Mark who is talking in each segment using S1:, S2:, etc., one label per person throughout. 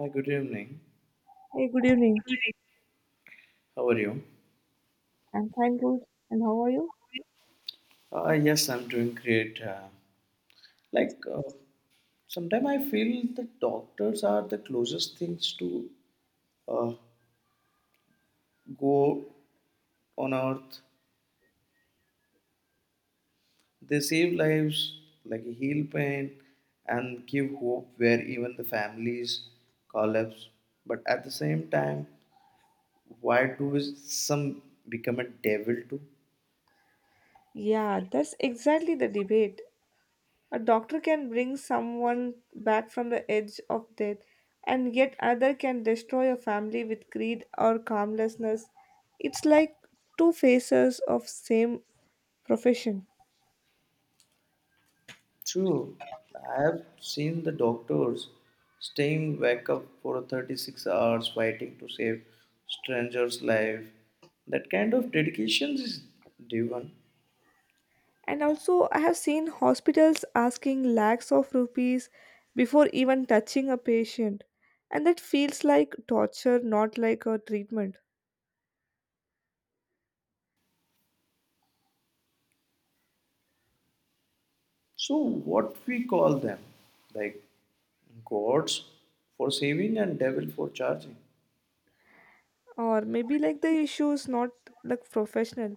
S1: Hi, good evening.
S2: Hey, good evening.
S1: How are you?
S2: I'm fine, good. And how are you?
S1: Yes, I'm doing great.
S2: That's
S1: Like,
S2: good.
S1: uh, Sometimes I feel that doctors are the closest things to uh, go on earth. They save lives, like heal pain, and give hope where even the families collapse. But at the same time, why do some become a devil too?
S2: Yeah, that's exactly the debate. A doctor can bring someone back from the edge of death, and yet other can destroy a family with greed or calmlessness. It's like two faces of same profession.
S1: True, I have seen the doctors staying wake up for 36 hours fighting to save strangers' life. That kind of dedication is divine.
S2: And also, I have seen hospitals asking lakhs of rupees before even touching a patient, and that feels like torture, not like a treatment.
S1: So what we call them, like gods for saving and devil for charging.
S2: Or maybe like the issue is not like professional,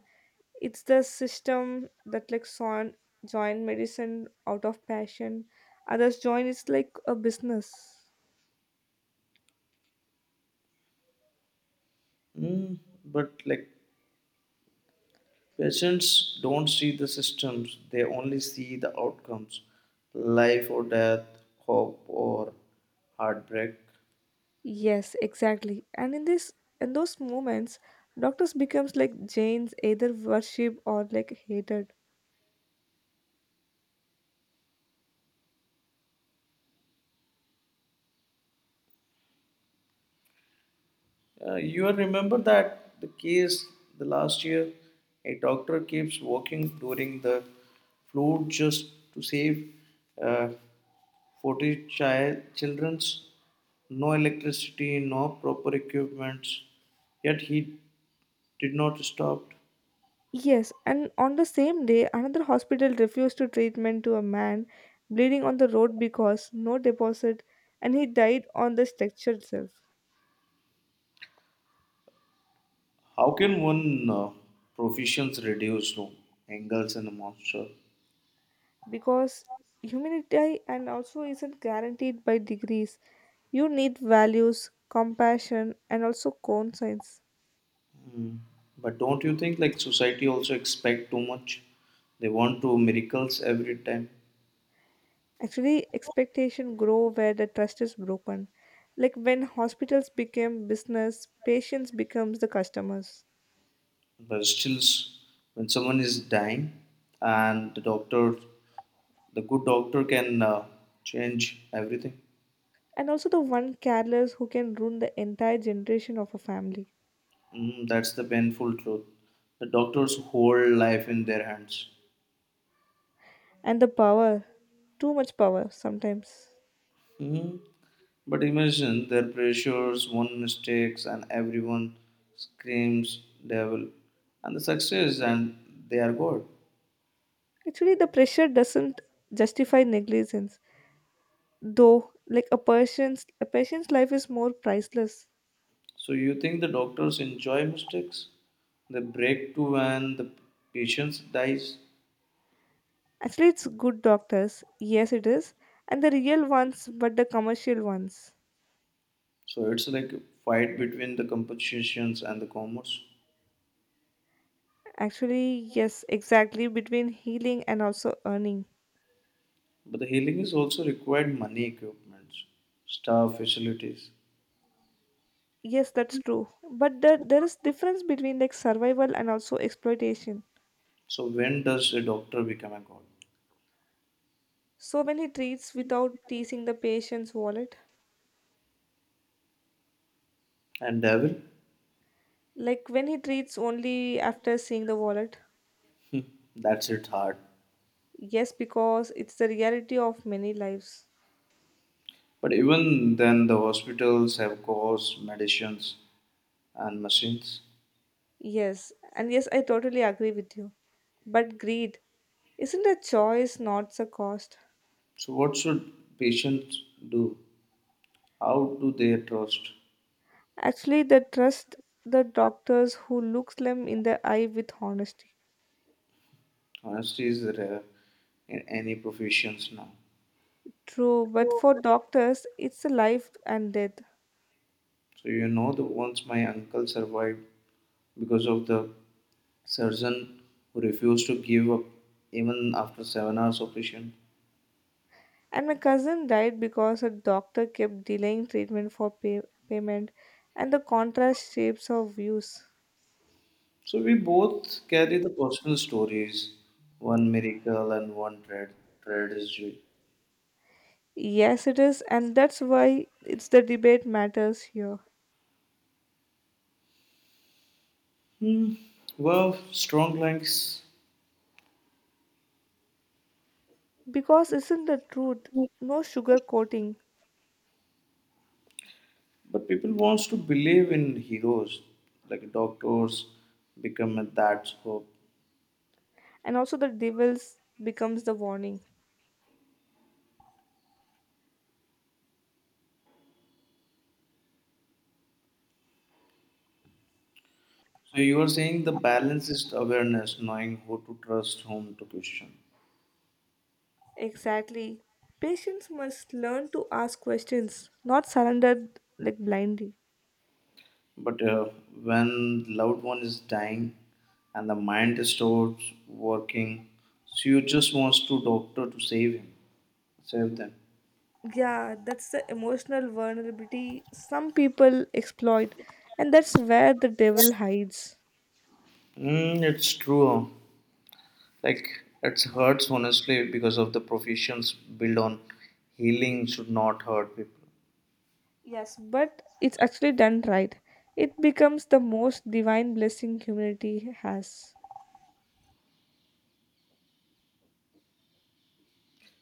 S2: it's the system that like join medicine out of passion, others join it's like a business.
S1: But like patients don't see the systems; they only see the outcomes, life or death, hope or heartbreak.
S2: Yes, exactly. And in those moments doctors becomes like jains, either worship or like hated.
S1: You remember that the case the last year, a doctor keeps working during the flood just to save uh, 40 child children's. No electricity, no proper equipment. Yet he did not stop.
S2: Yes, and on the same day another hospital refused to treatment to a man bleeding on the road because no deposit, and he died on the stretcher itself.
S1: How can one proficiency reduce to angles and a monster?
S2: Because humility and also isn't guaranteed by degrees. You need values, compassion, and also conscience.
S1: Mm. But don't you think like society also expect too much? They want to miracles every time.
S2: Actually, expectation grow where the trust is broken. Like when hospitals became business, patients becomes the customers.
S1: But still, when someone is dying, and the doctor, the good doctor can change everything.
S2: And also the one careless who can ruin the entire generation of a family.
S1: Mm, that's the painful truth. The doctors hold life in their hands.
S2: And the power, too much power sometimes.
S1: Mhm. But imagine their pressures, one mistakes, and everyone screams devil, and the success, and they are God.
S2: Actually, the pressure doesn't justify negligence. Though like a patient's life is more priceless.
S1: So you think the doctors enjoy mistakes? They break too when the patient dies.
S2: Actually, it's good doctors, yes it is, and the real ones, but the commercial ones.
S1: So it's like a fight between the compositions and the commerce.
S2: Actually, yes, exactly, between healing and also earning.
S1: But the healing is also required money, equipment, staff, facilities.
S2: Yes, that's true, there is difference between like survival and also exploitation.
S1: So when does a doctor become a god?
S2: So when he treats without teasing the patient's wallet.
S1: And devil?
S2: Like when he treats only after seeing the wallet.
S1: That's it hard.
S2: Yes, because it's the reality of many lives.
S1: But even then the hospitals have costs, medicines and machines.
S2: Yes, and yes, I totally agree with you. But greed isn't a choice, not a cost.
S1: So what should patients do? How do they trust?
S2: Actually, the trust the doctors who looks them in the eye with honesty.
S1: Honesty is rare in any professions now.
S2: True, but for doctors, it's a life and death.
S1: So you know the once my uncle survived because of the surgeon who refused to give up even after 7 hours of patient.
S2: And my cousin died because a doctor kept delaying treatment for payment, and the contrast shapes our views.
S1: So we both carry the personal stories, one miracle and tragedy.
S2: Yes, it is, and that's why it's the debate matters here.
S1: Hmm. Well, strong links,
S2: Because isn't the truth? No sugar coating.
S1: but people wants to believe in heroes like doctors become at that scope.
S2: And also the devils becomes the warning.
S1: So you are saying the balance is awareness, knowing who to trust, whom to question.
S2: Exactly, patients must learn to ask questions, not surrender like blindly.
S1: But when loved one is dying and the mind is stopped working, so you just wants to doctor to save him, save them.
S2: Yeah, that's the emotional vulnerability some people exploit, and that's where the devil hides.
S1: Mm, it's true. Like it hurts honestly because of the professions built on healing should not hurt people.
S2: Yes, but it's actually done right, it becomes the most divine blessing humanity has.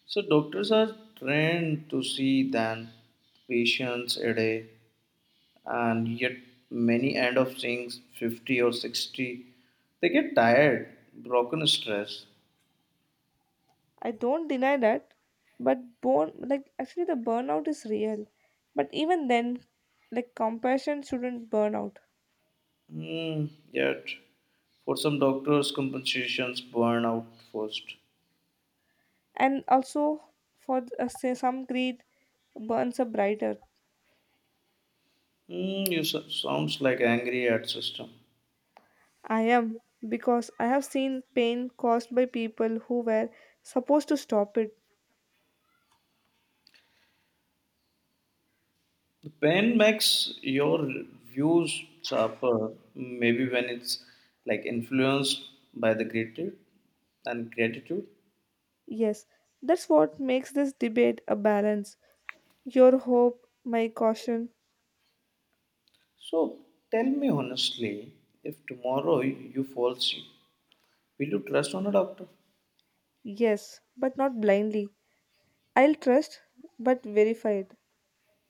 S1: So doctors are trained to see than patients a day, and yet many end up seeing 50 or 60. They get tired, broken stress.
S2: I don't deny that, but born like actually the burnout is real. But even then, like compassion shouldn't burn out.
S1: Mm, yet, for some doctors, compensations burn out first.
S2: And also for say some greed burns up brighter.
S1: Mm, you sounds like angry at system.
S2: I am because I have seen pain caused by people who were supposed to stop it.
S1: The pain makes your views sharper. Maybe when it's like influenced by the gratitude and gratitude.
S2: Yes, that's what makes this debate a balance. Your hope, my caution.
S1: So tell me honestly, if tomorrow you fall sick, will you trust on a doctor?
S2: Yes, but not blindly. I'll trust, but verify it.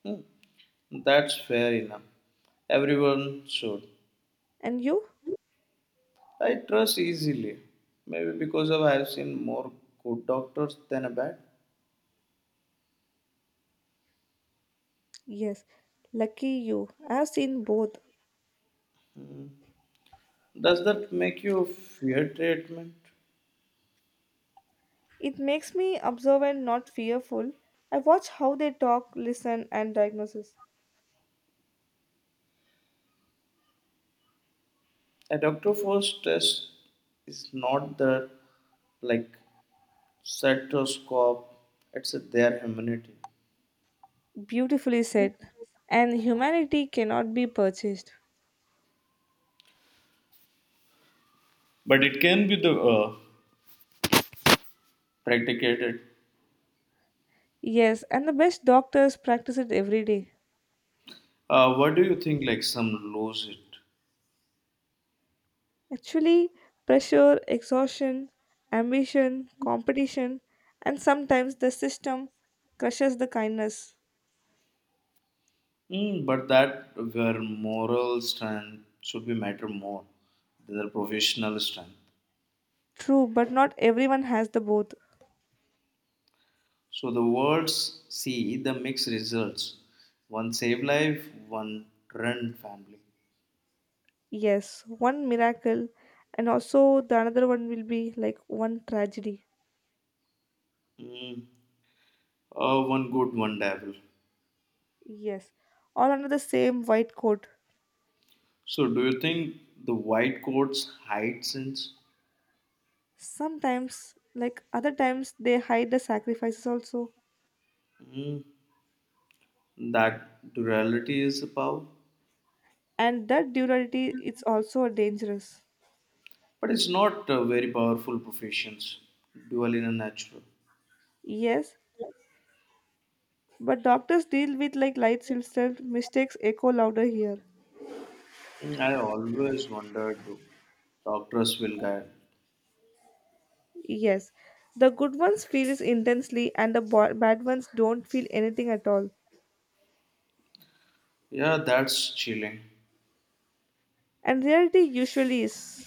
S1: Hmm, that's fair enough. Everyone should.
S2: And you?
S1: I trust easily, maybe because of I have seen more good doctors than a bad.
S2: Yes, lucky you. I have seen both.
S1: Does that make you fear treatment?
S2: It makes me observant, not fearful. I watch how they talk, listen, and diagnose.
S1: A doctor for stress is not the like stethoscope; it's their humanity.
S2: Beautifully said. And humanity cannot be purchased.
S1: But it can be the practicated.
S2: Yes, and the best doctors practice it every day.
S1: What do you think? Like some lose it.
S2: Actually, pressure, exhaustion, ambition, competition, and sometimes the system crushes the kindness.
S1: Mm, but that where moral strength should be matter more than the professional strength.
S2: True, but not everyone has the both.
S1: So the words see the mixed results. One save life, one run family.
S2: Yes, one miracle, and also the another one will be like one tragedy.
S1: Mm. One good, one devil.
S2: Yes, all under the same white coat.
S1: So do you think the white coats hide sins?
S2: Sometimes, like other times, they hide the sacrifices also,
S1: Mm. That duality is a power,
S2: and that duality it's also dangerous.
S1: but it's not a very powerful professions. Dual in a natural.
S2: Yes, but doctors deal with like light itself. Mistakes echo louder here.
S1: Mm, I always wondered, do doctors will guide?
S2: Yes, the good ones feels intensely, and the bad ones don't feel anything at all.
S1: Yeah, that's chilling.
S2: And reality usually is.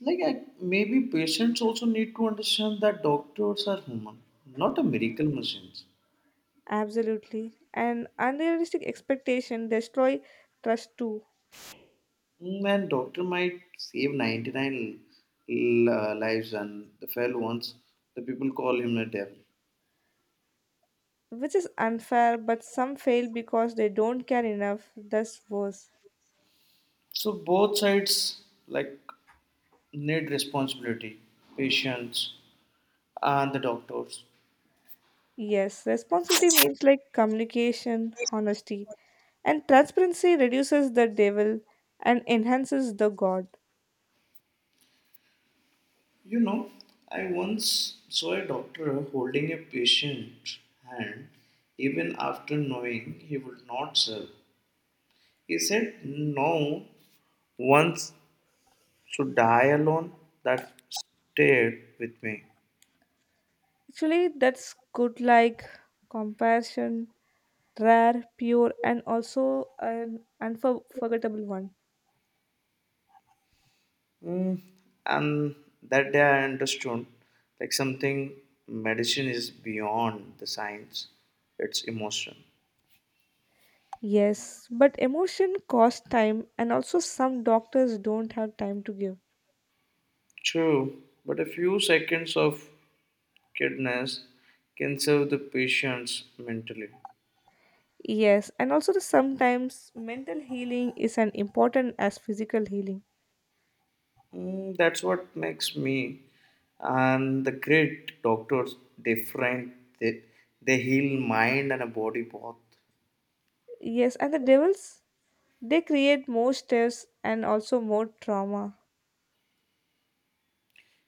S1: Like I, maybe patients also need to understand that doctors are human, not a miracle machines.
S2: Absolutely. And unrealistic expectation destroy trust too,
S1: Mm, and doctor might save 99 lives and the fellow ones, the people call him a devil.
S2: which is unfair, but some fail because they don't care enough, thus worse.
S1: So both sides like need responsibility, patients and the doctors.
S2: Yes, responsibility means like communication, honesty, and transparency reduces the devil and enhances the god.
S1: You know, I once saw a doctor holding a patient hand even after knowing he would not serve. He said no once to die alone, that stayed with me.
S2: Actually, that's good like compassion, rare, pure, and also an unforgettable one.
S1: Mm, and that day I understood like something, medicine is beyond the science, it's emotion.
S2: Yes, but emotion costs time, and also some doctors don't have time to give.
S1: True, but a few seconds of kindness can serve the patients mentally.
S2: Yes, and also the sometimes mental healing is as important as physical healing.
S1: Mm, that's what makes me and the great doctors different, they, they heal mind and a body both.
S2: Yes, and the devils they create more stress and also more trauma.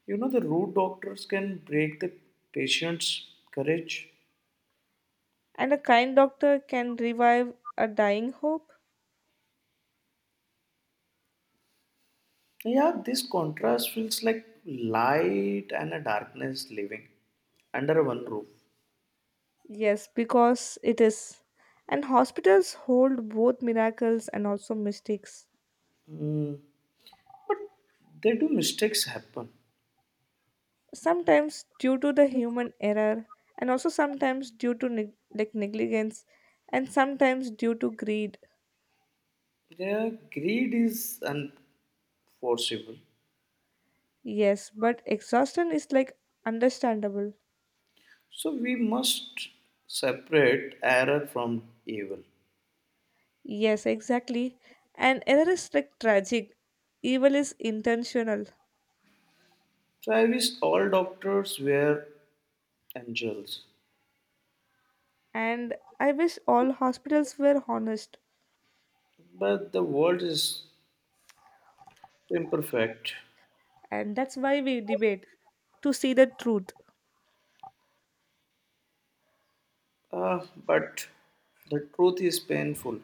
S1: You know, the rude doctors can break the patient's courage.
S2: And a kind doctor can revive a dying hope.
S1: Yeah, this contrast feels like light and a darkness living under one roof.
S2: Yes, because it is. And hospitals hold both miracles and also mistakes.
S1: Hmm. But they do mistakes happen.
S2: Sometimes due to the human error, and also sometimes due to like negligence, and sometimes due to greed.
S1: Their greed is unforceable.
S2: Yes, but exhaustion is like understandable.
S1: So we must separate error from evil.
S2: Yes, exactly. And error is like tragic, evil is intentional.
S1: So I wish all doctors were angels,
S2: And I wish all hospitals were honest.
S1: but the world is imperfect.
S2: And that's why we debate to see the truth.
S1: Uh, but the truth is painful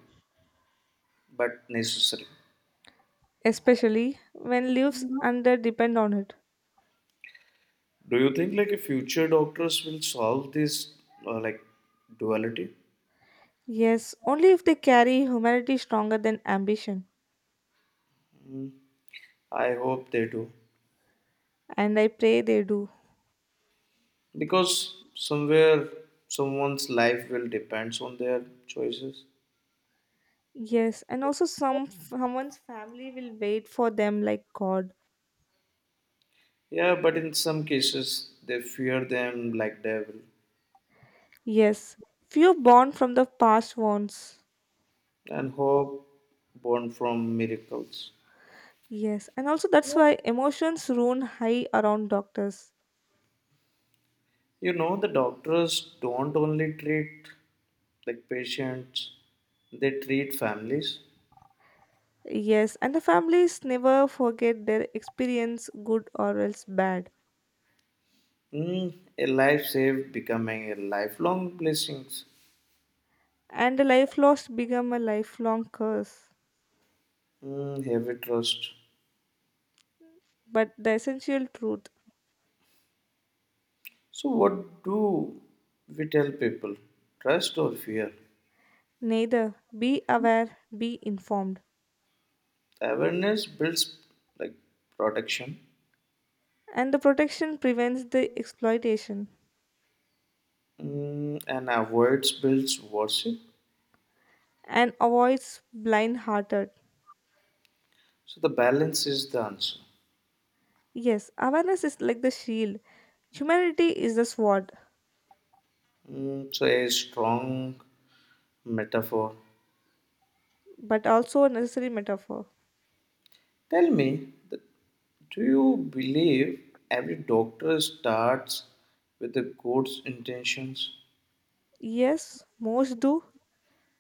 S1: but necessary.
S2: Especially when lives under depend on it.
S1: Do you think like a future doctors will solve this uh, like duality?
S2: Yes, only if they carry humanity stronger than ambition.
S1: I hope they do
S2: And I pray they do.
S1: because somewhere someone's life will depends on their choices.
S2: Yes, and also someone's family will wait for them like god.
S1: Yeah, but in some cases they fear them like devil
S2: Yes, few born from the past ones.
S1: and hope born from miracles.
S2: Yes, and also that's why emotions run high around doctors.
S1: You know the doctors don't only treat like patients, they treat families.
S2: Yes, and the families never forget their experience good or else bad.
S1: Mm, a life saved becoming a lifelong blessings.
S2: And a life lost become a lifelong curse.
S1: Mm, heavy trust.
S2: But the essential truth.
S1: So what do we tell people? Trust or fear?
S2: Neither, be aware, be informed.
S1: Awareness builds like protection.
S2: And the protection prevents the exploitation.
S1: Mm, and avoids builds worship.
S2: And avoids blind hearted.
S1: So the balance is the answer.
S2: Yes, awareness is like the shield. Humanity is the sword,
S1: Mm, so a strong metaphor.
S2: but also a necessary metaphor.
S1: Tell me, that, do you believe every doctor starts with the good intentions?
S2: Yes, most do.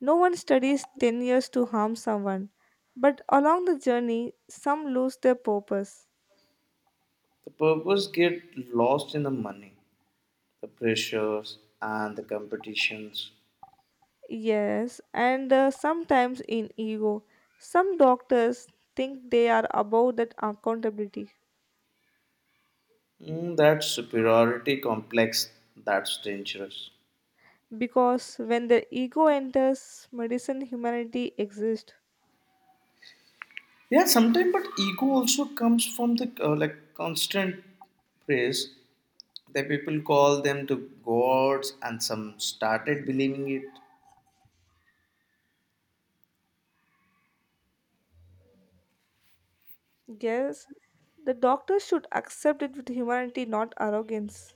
S2: No one studies 10 years to harm someone, but along the journey, some lose their purpose.
S1: The purpose get lost in the money, the pressures and the competitions.
S2: Yes, and sometimes in ego, some doctors think they are above that accountability.
S1: Mm, that superiority complex, that's dangerous.
S2: Because when their ego enters, medicine humanity exists.
S1: Yeah, sometimes but ego also comes from the constant praise that people call them to gods and some started believing it.
S2: Yes, the doctors should accept it with humanity, not arrogance.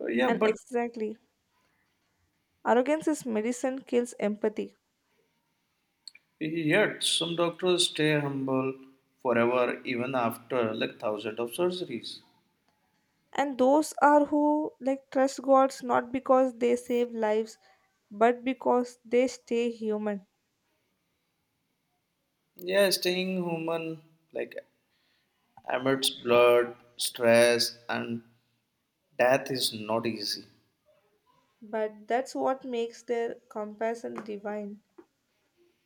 S1: Yeah,
S2: And
S1: but
S2: exactly, arrogance is medicine kills empathy.
S1: yet some doctors stay humble forever even after like thousands of surgeries.
S2: And those are who like trust gods not because they save lives, but because they stay human.
S1: Yeah, staying human like amidst blood, stress, and death is not easy.
S2: But that's what makes their compassion divine.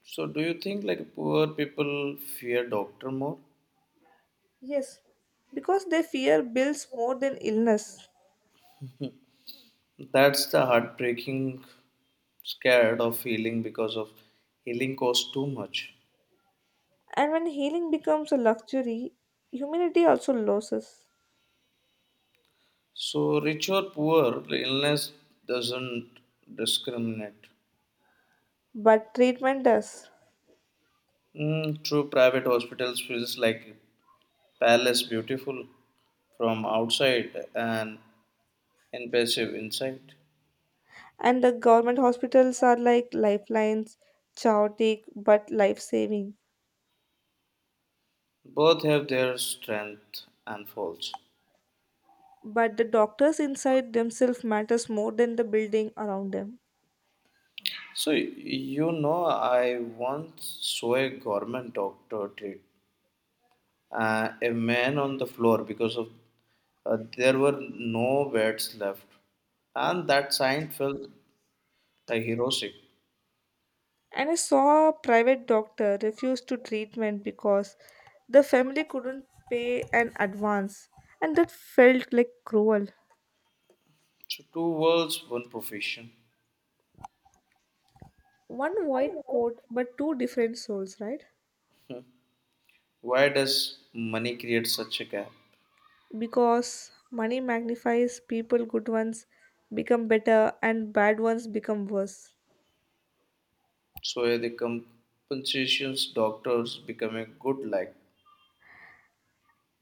S1: So, do you think like poor people fear doctor more?
S2: Yes, because their fear builds more than illness.
S1: That's the heartbreaking, scared of healing because of healing costs too much.
S2: And when healing becomes a luxury, humanity also loses.
S1: So, rich or poor, the illness doesn't discriminate.
S2: But treatment does.
S1: Mm, true, private hospitals feels like palace beautiful from outside and impressive inside.
S2: And the government hospitals are like lifelines, chaotic but life saving.
S1: Both have their strength and faults.
S2: But the doctors inside themselves matters more than the building around them.
S1: So, you know, I once saw a government doctor treat a man on the floor because of there were no beds left, and that sign felt like heroic.
S2: And I saw a private doctor refuse to treatment because the family couldn't pay an advance. And that felt like cruel.
S1: So, two worlds, one profession.
S2: One white coat but two different souls, right?
S1: Why does money create such a gap?
S2: Because money magnifies people good ones become better and bad ones become worse.
S1: So, the compensations doctors become a good like.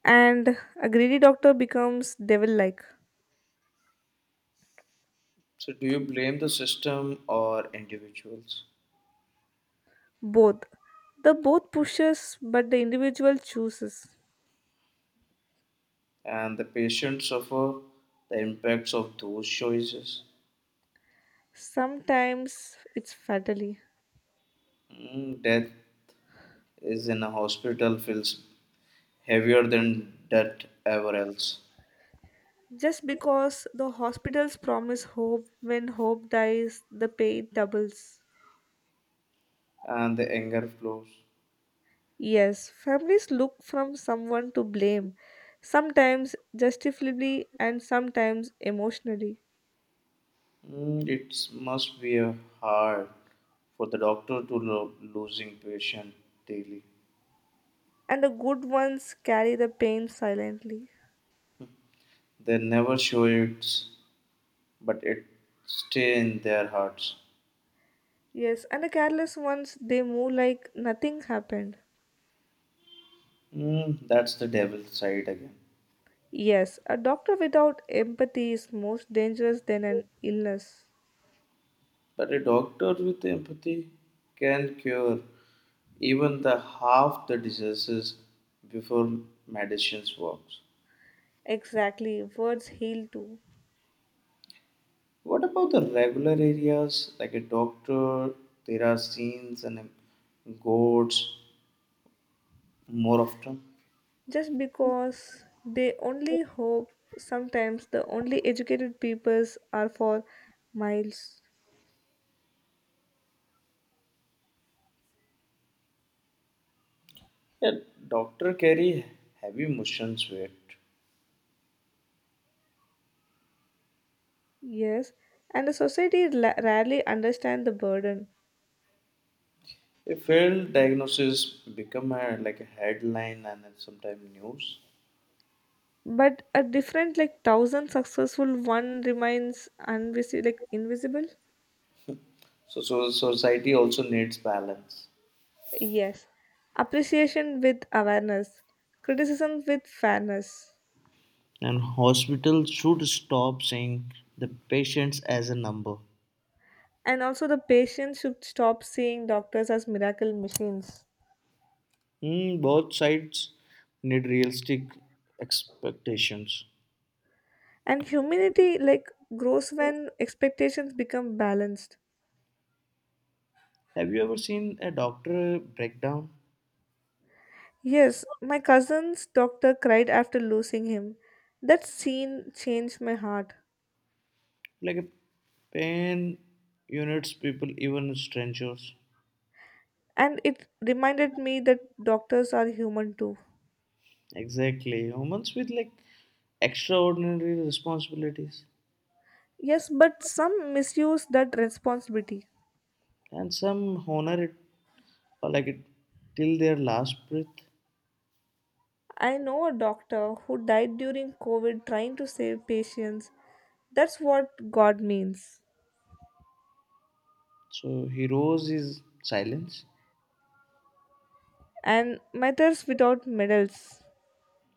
S2: And a greedy doctor becomes devil like.
S1: So, do you blame the system or individuals?
S2: Both. The both pushes but the individual chooses.
S1: And the patient suffer the impacts of those choices.
S2: Sometimes it's fatally.
S1: Mm, death is in a hospital feels heavier than death ever else,
S2: Just because the hospitals promise hope, when hope dies the pain doubles.
S1: and the anger flows.
S2: Yes, families look from someone to blame, sometimes justifiably and sometimes emotionally.
S1: Mm, it must be a hard for the doctor to losing patient daily.
S2: And the good ones carry the pain silently.
S1: They never show it, but it stay in their hearts.
S2: Yes, and the careless ones they move like nothing happened.
S1: Mm, that's the devil's side again.
S2: Yes, a doctor without empathy is most dangerous than an illness.
S1: But a doctor with empathy can cure even the half the diseases before medicines works.
S2: Exactly, words heal too.
S1: What about the regular areas like a doctor? There are scenes and goats more often.
S2: Just because they only hope, sometimes the only educated peoples are for miles.
S1: A doctor carry heavy emotions weight.
S2: Yes, and the society rarely understand the burden.
S1: A failed diagnosis become a, like a headline and then sometime news.
S2: But a different like thousand successful one remains like invisible.
S1: So, so society also needs balance.
S2: Yes, appreciation with awareness, criticism with fairness.
S1: And hospitals should stop saying the patients as a number.
S2: And also, the patient should stop seeing doctors as miracle machines.
S1: Hmm, both sides need realistic expectations.
S2: And humanity, like, grows when expectations become balanced.
S1: Have you ever seen a doctor breakdown?
S2: Yes, my cousin's doctor cried after losing him. That scene changed my heart.
S1: Like a pain units, people, even strangers.
S2: And it reminded me that doctors are human too.
S1: Exactly. Humans with like extraordinary responsibilities.
S2: Yes, but some misuse that responsibility.
S1: And some honor it or like it till their last breath.
S2: I know a doctor who died during COVID trying to save patients. That's what God means.
S1: So heroes is silence.
S2: And matters without medals.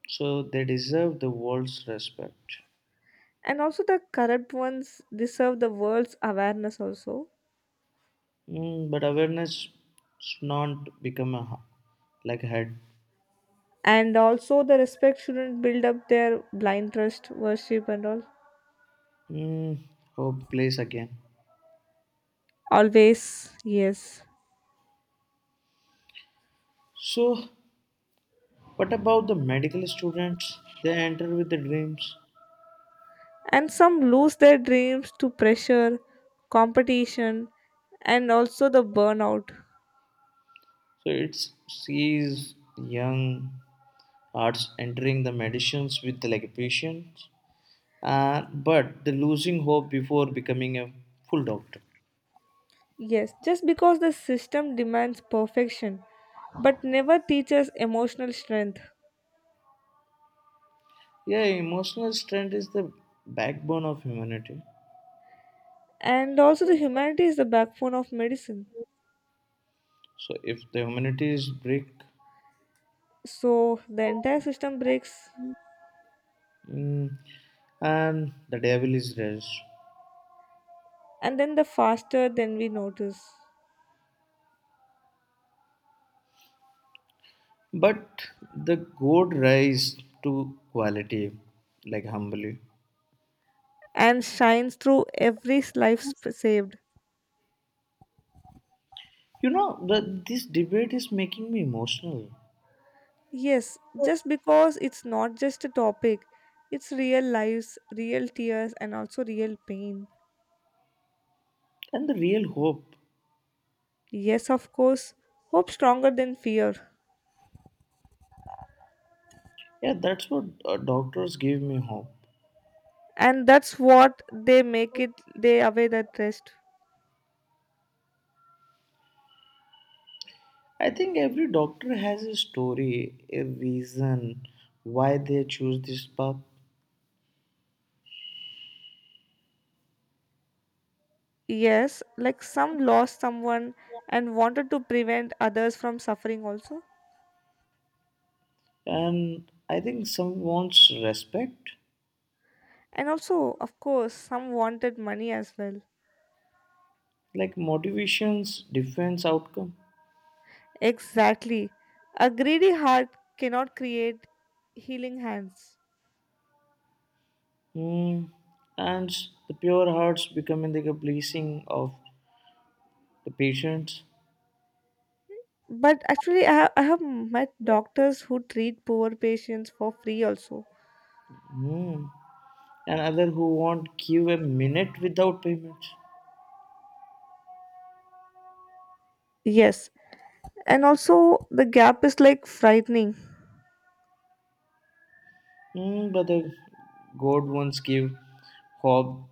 S1: So they deserve the world's respect.
S2: And also the corrupt ones deserve the world's awareness also.
S1: Mm, but awareness should not become a like a head.
S2: And also the respect shouldn't build up their blind trust worship and all.
S1: Mm, oh, place again.
S2: Always yes.
S1: So what about the medical students? They enter with the dreams.
S2: And some lose their dreams to pressure, competition, and also the burnout.
S1: So it's sees young arts entering the medicines with the like patients, and but the losing hope before becoming a full doctor.
S2: Yes, just because the system demands perfection but never teaches emotional strength.
S1: Yeah, emotional strength is the backbone of humanity.
S2: And also the humanity is the backbone of medicine.
S1: So if the humanity is brick.
S2: So the entire system breaks.
S1: Mm, and the devil is rest,
S2: And then the faster than we notice.
S1: but the good rise to quality, like humbly.
S2: And shines through every life saved.
S1: You know, this debate is making me emotional
S2: Yes, just because it's not just a topic, it's real lives, real tears, and also real pain.
S1: and the real hope.
S2: Yes, of course, hope stronger than fear.
S1: Yeah, that's what doctors give me hope.
S2: And that's what they make it they away that rest.
S1: I think every doctor has a story, a reason why they choose this path.
S2: Yes, like some lost someone and wanted to prevent others from suffering also.
S1: And I think some wants respect,
S2: And also, of course, some wanted money as well.
S1: like motivations, defense outcome.
S2: Exactly. A greedy heart cannot create healing hands.
S1: Hmm. And the pure hearts becoming like a blessing of the patients.
S2: But actually, I have met doctors who treat poor patients for free also.
S1: Hmm. And other who won't give a minute without payment.
S2: Yes. And also, the gap is like frightening.
S1: Hmm. But the God once gave hope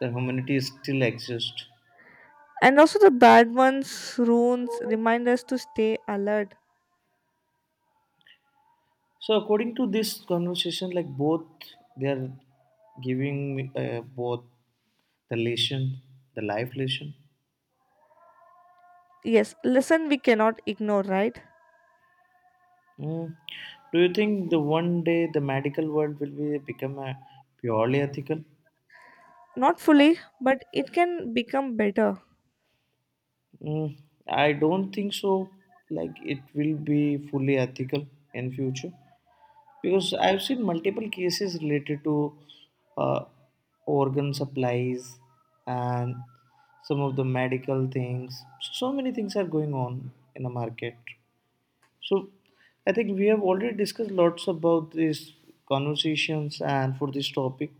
S1: the humanity still exists.
S2: And also, the bad ones, runes, remind us to stay alert.
S1: So according to this conversation, like both they are giving me, both the lesson, the life lesson.
S2: Yes, lesson we cannot ignore, right?
S1: Mm. Do you think the one day the medical world will be become a purely ethical?
S2: Not fully, but it can become better.
S1: Mm. I don't think so. Like it will be fully ethical in future because I've seen multiple cases related to uh, organ supplies and some of the medical things. So so many things are going on in the market. So I think we have already discussed lots about these conversations and for this topic.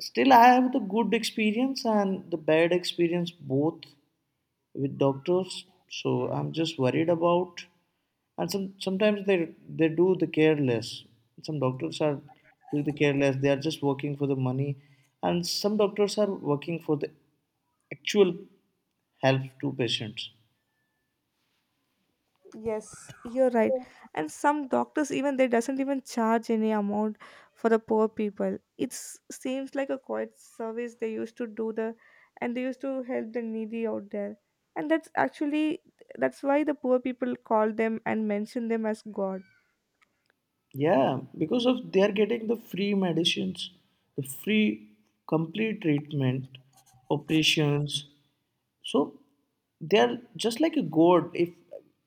S1: Still, I have the good experience and the bad experience both with doctors. So I'm just worried about. And some sometimes they do the careless. Some doctors are doing the careless. They are just working for the money, and some doctors are working for the actual help to patients.
S2: Yes, you're right. And some doctors even they doesn't even charge any amount for the poor people. It seems like a quiet service they used to do the and they used to help the needy out there. And that's actually that's why the poor people call them and mention them as God.
S1: Yeah, because of they are getting the free medicines, the free complete treatment, operations, so they're just like a god. If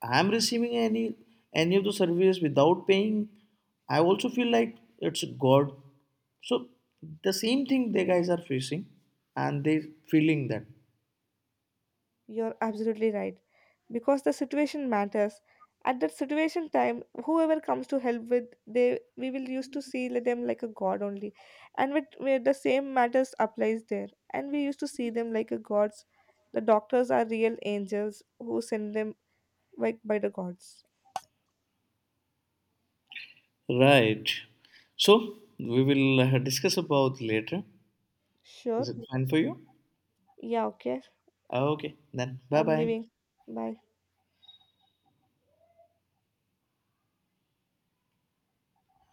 S1: I'm receiving any of the service without paying, I also feel like it's god. So the same thing they guys are facing and they feeling that.
S2: You're absolutely right. Because the situation matters. At that situation time, whoever comes to help with they we will used to see them like a god only. And with where the same matters applies there. And we used to see them like a gods. The doctors are real angels who send them like by the gods.
S1: Right, so we will discuss about later.
S2: Sure.
S1: Is it fine for you?
S2: Yeah, okay.
S1: Okay, then bye
S2: I'm
S1: bye.
S2: leaving. Bye.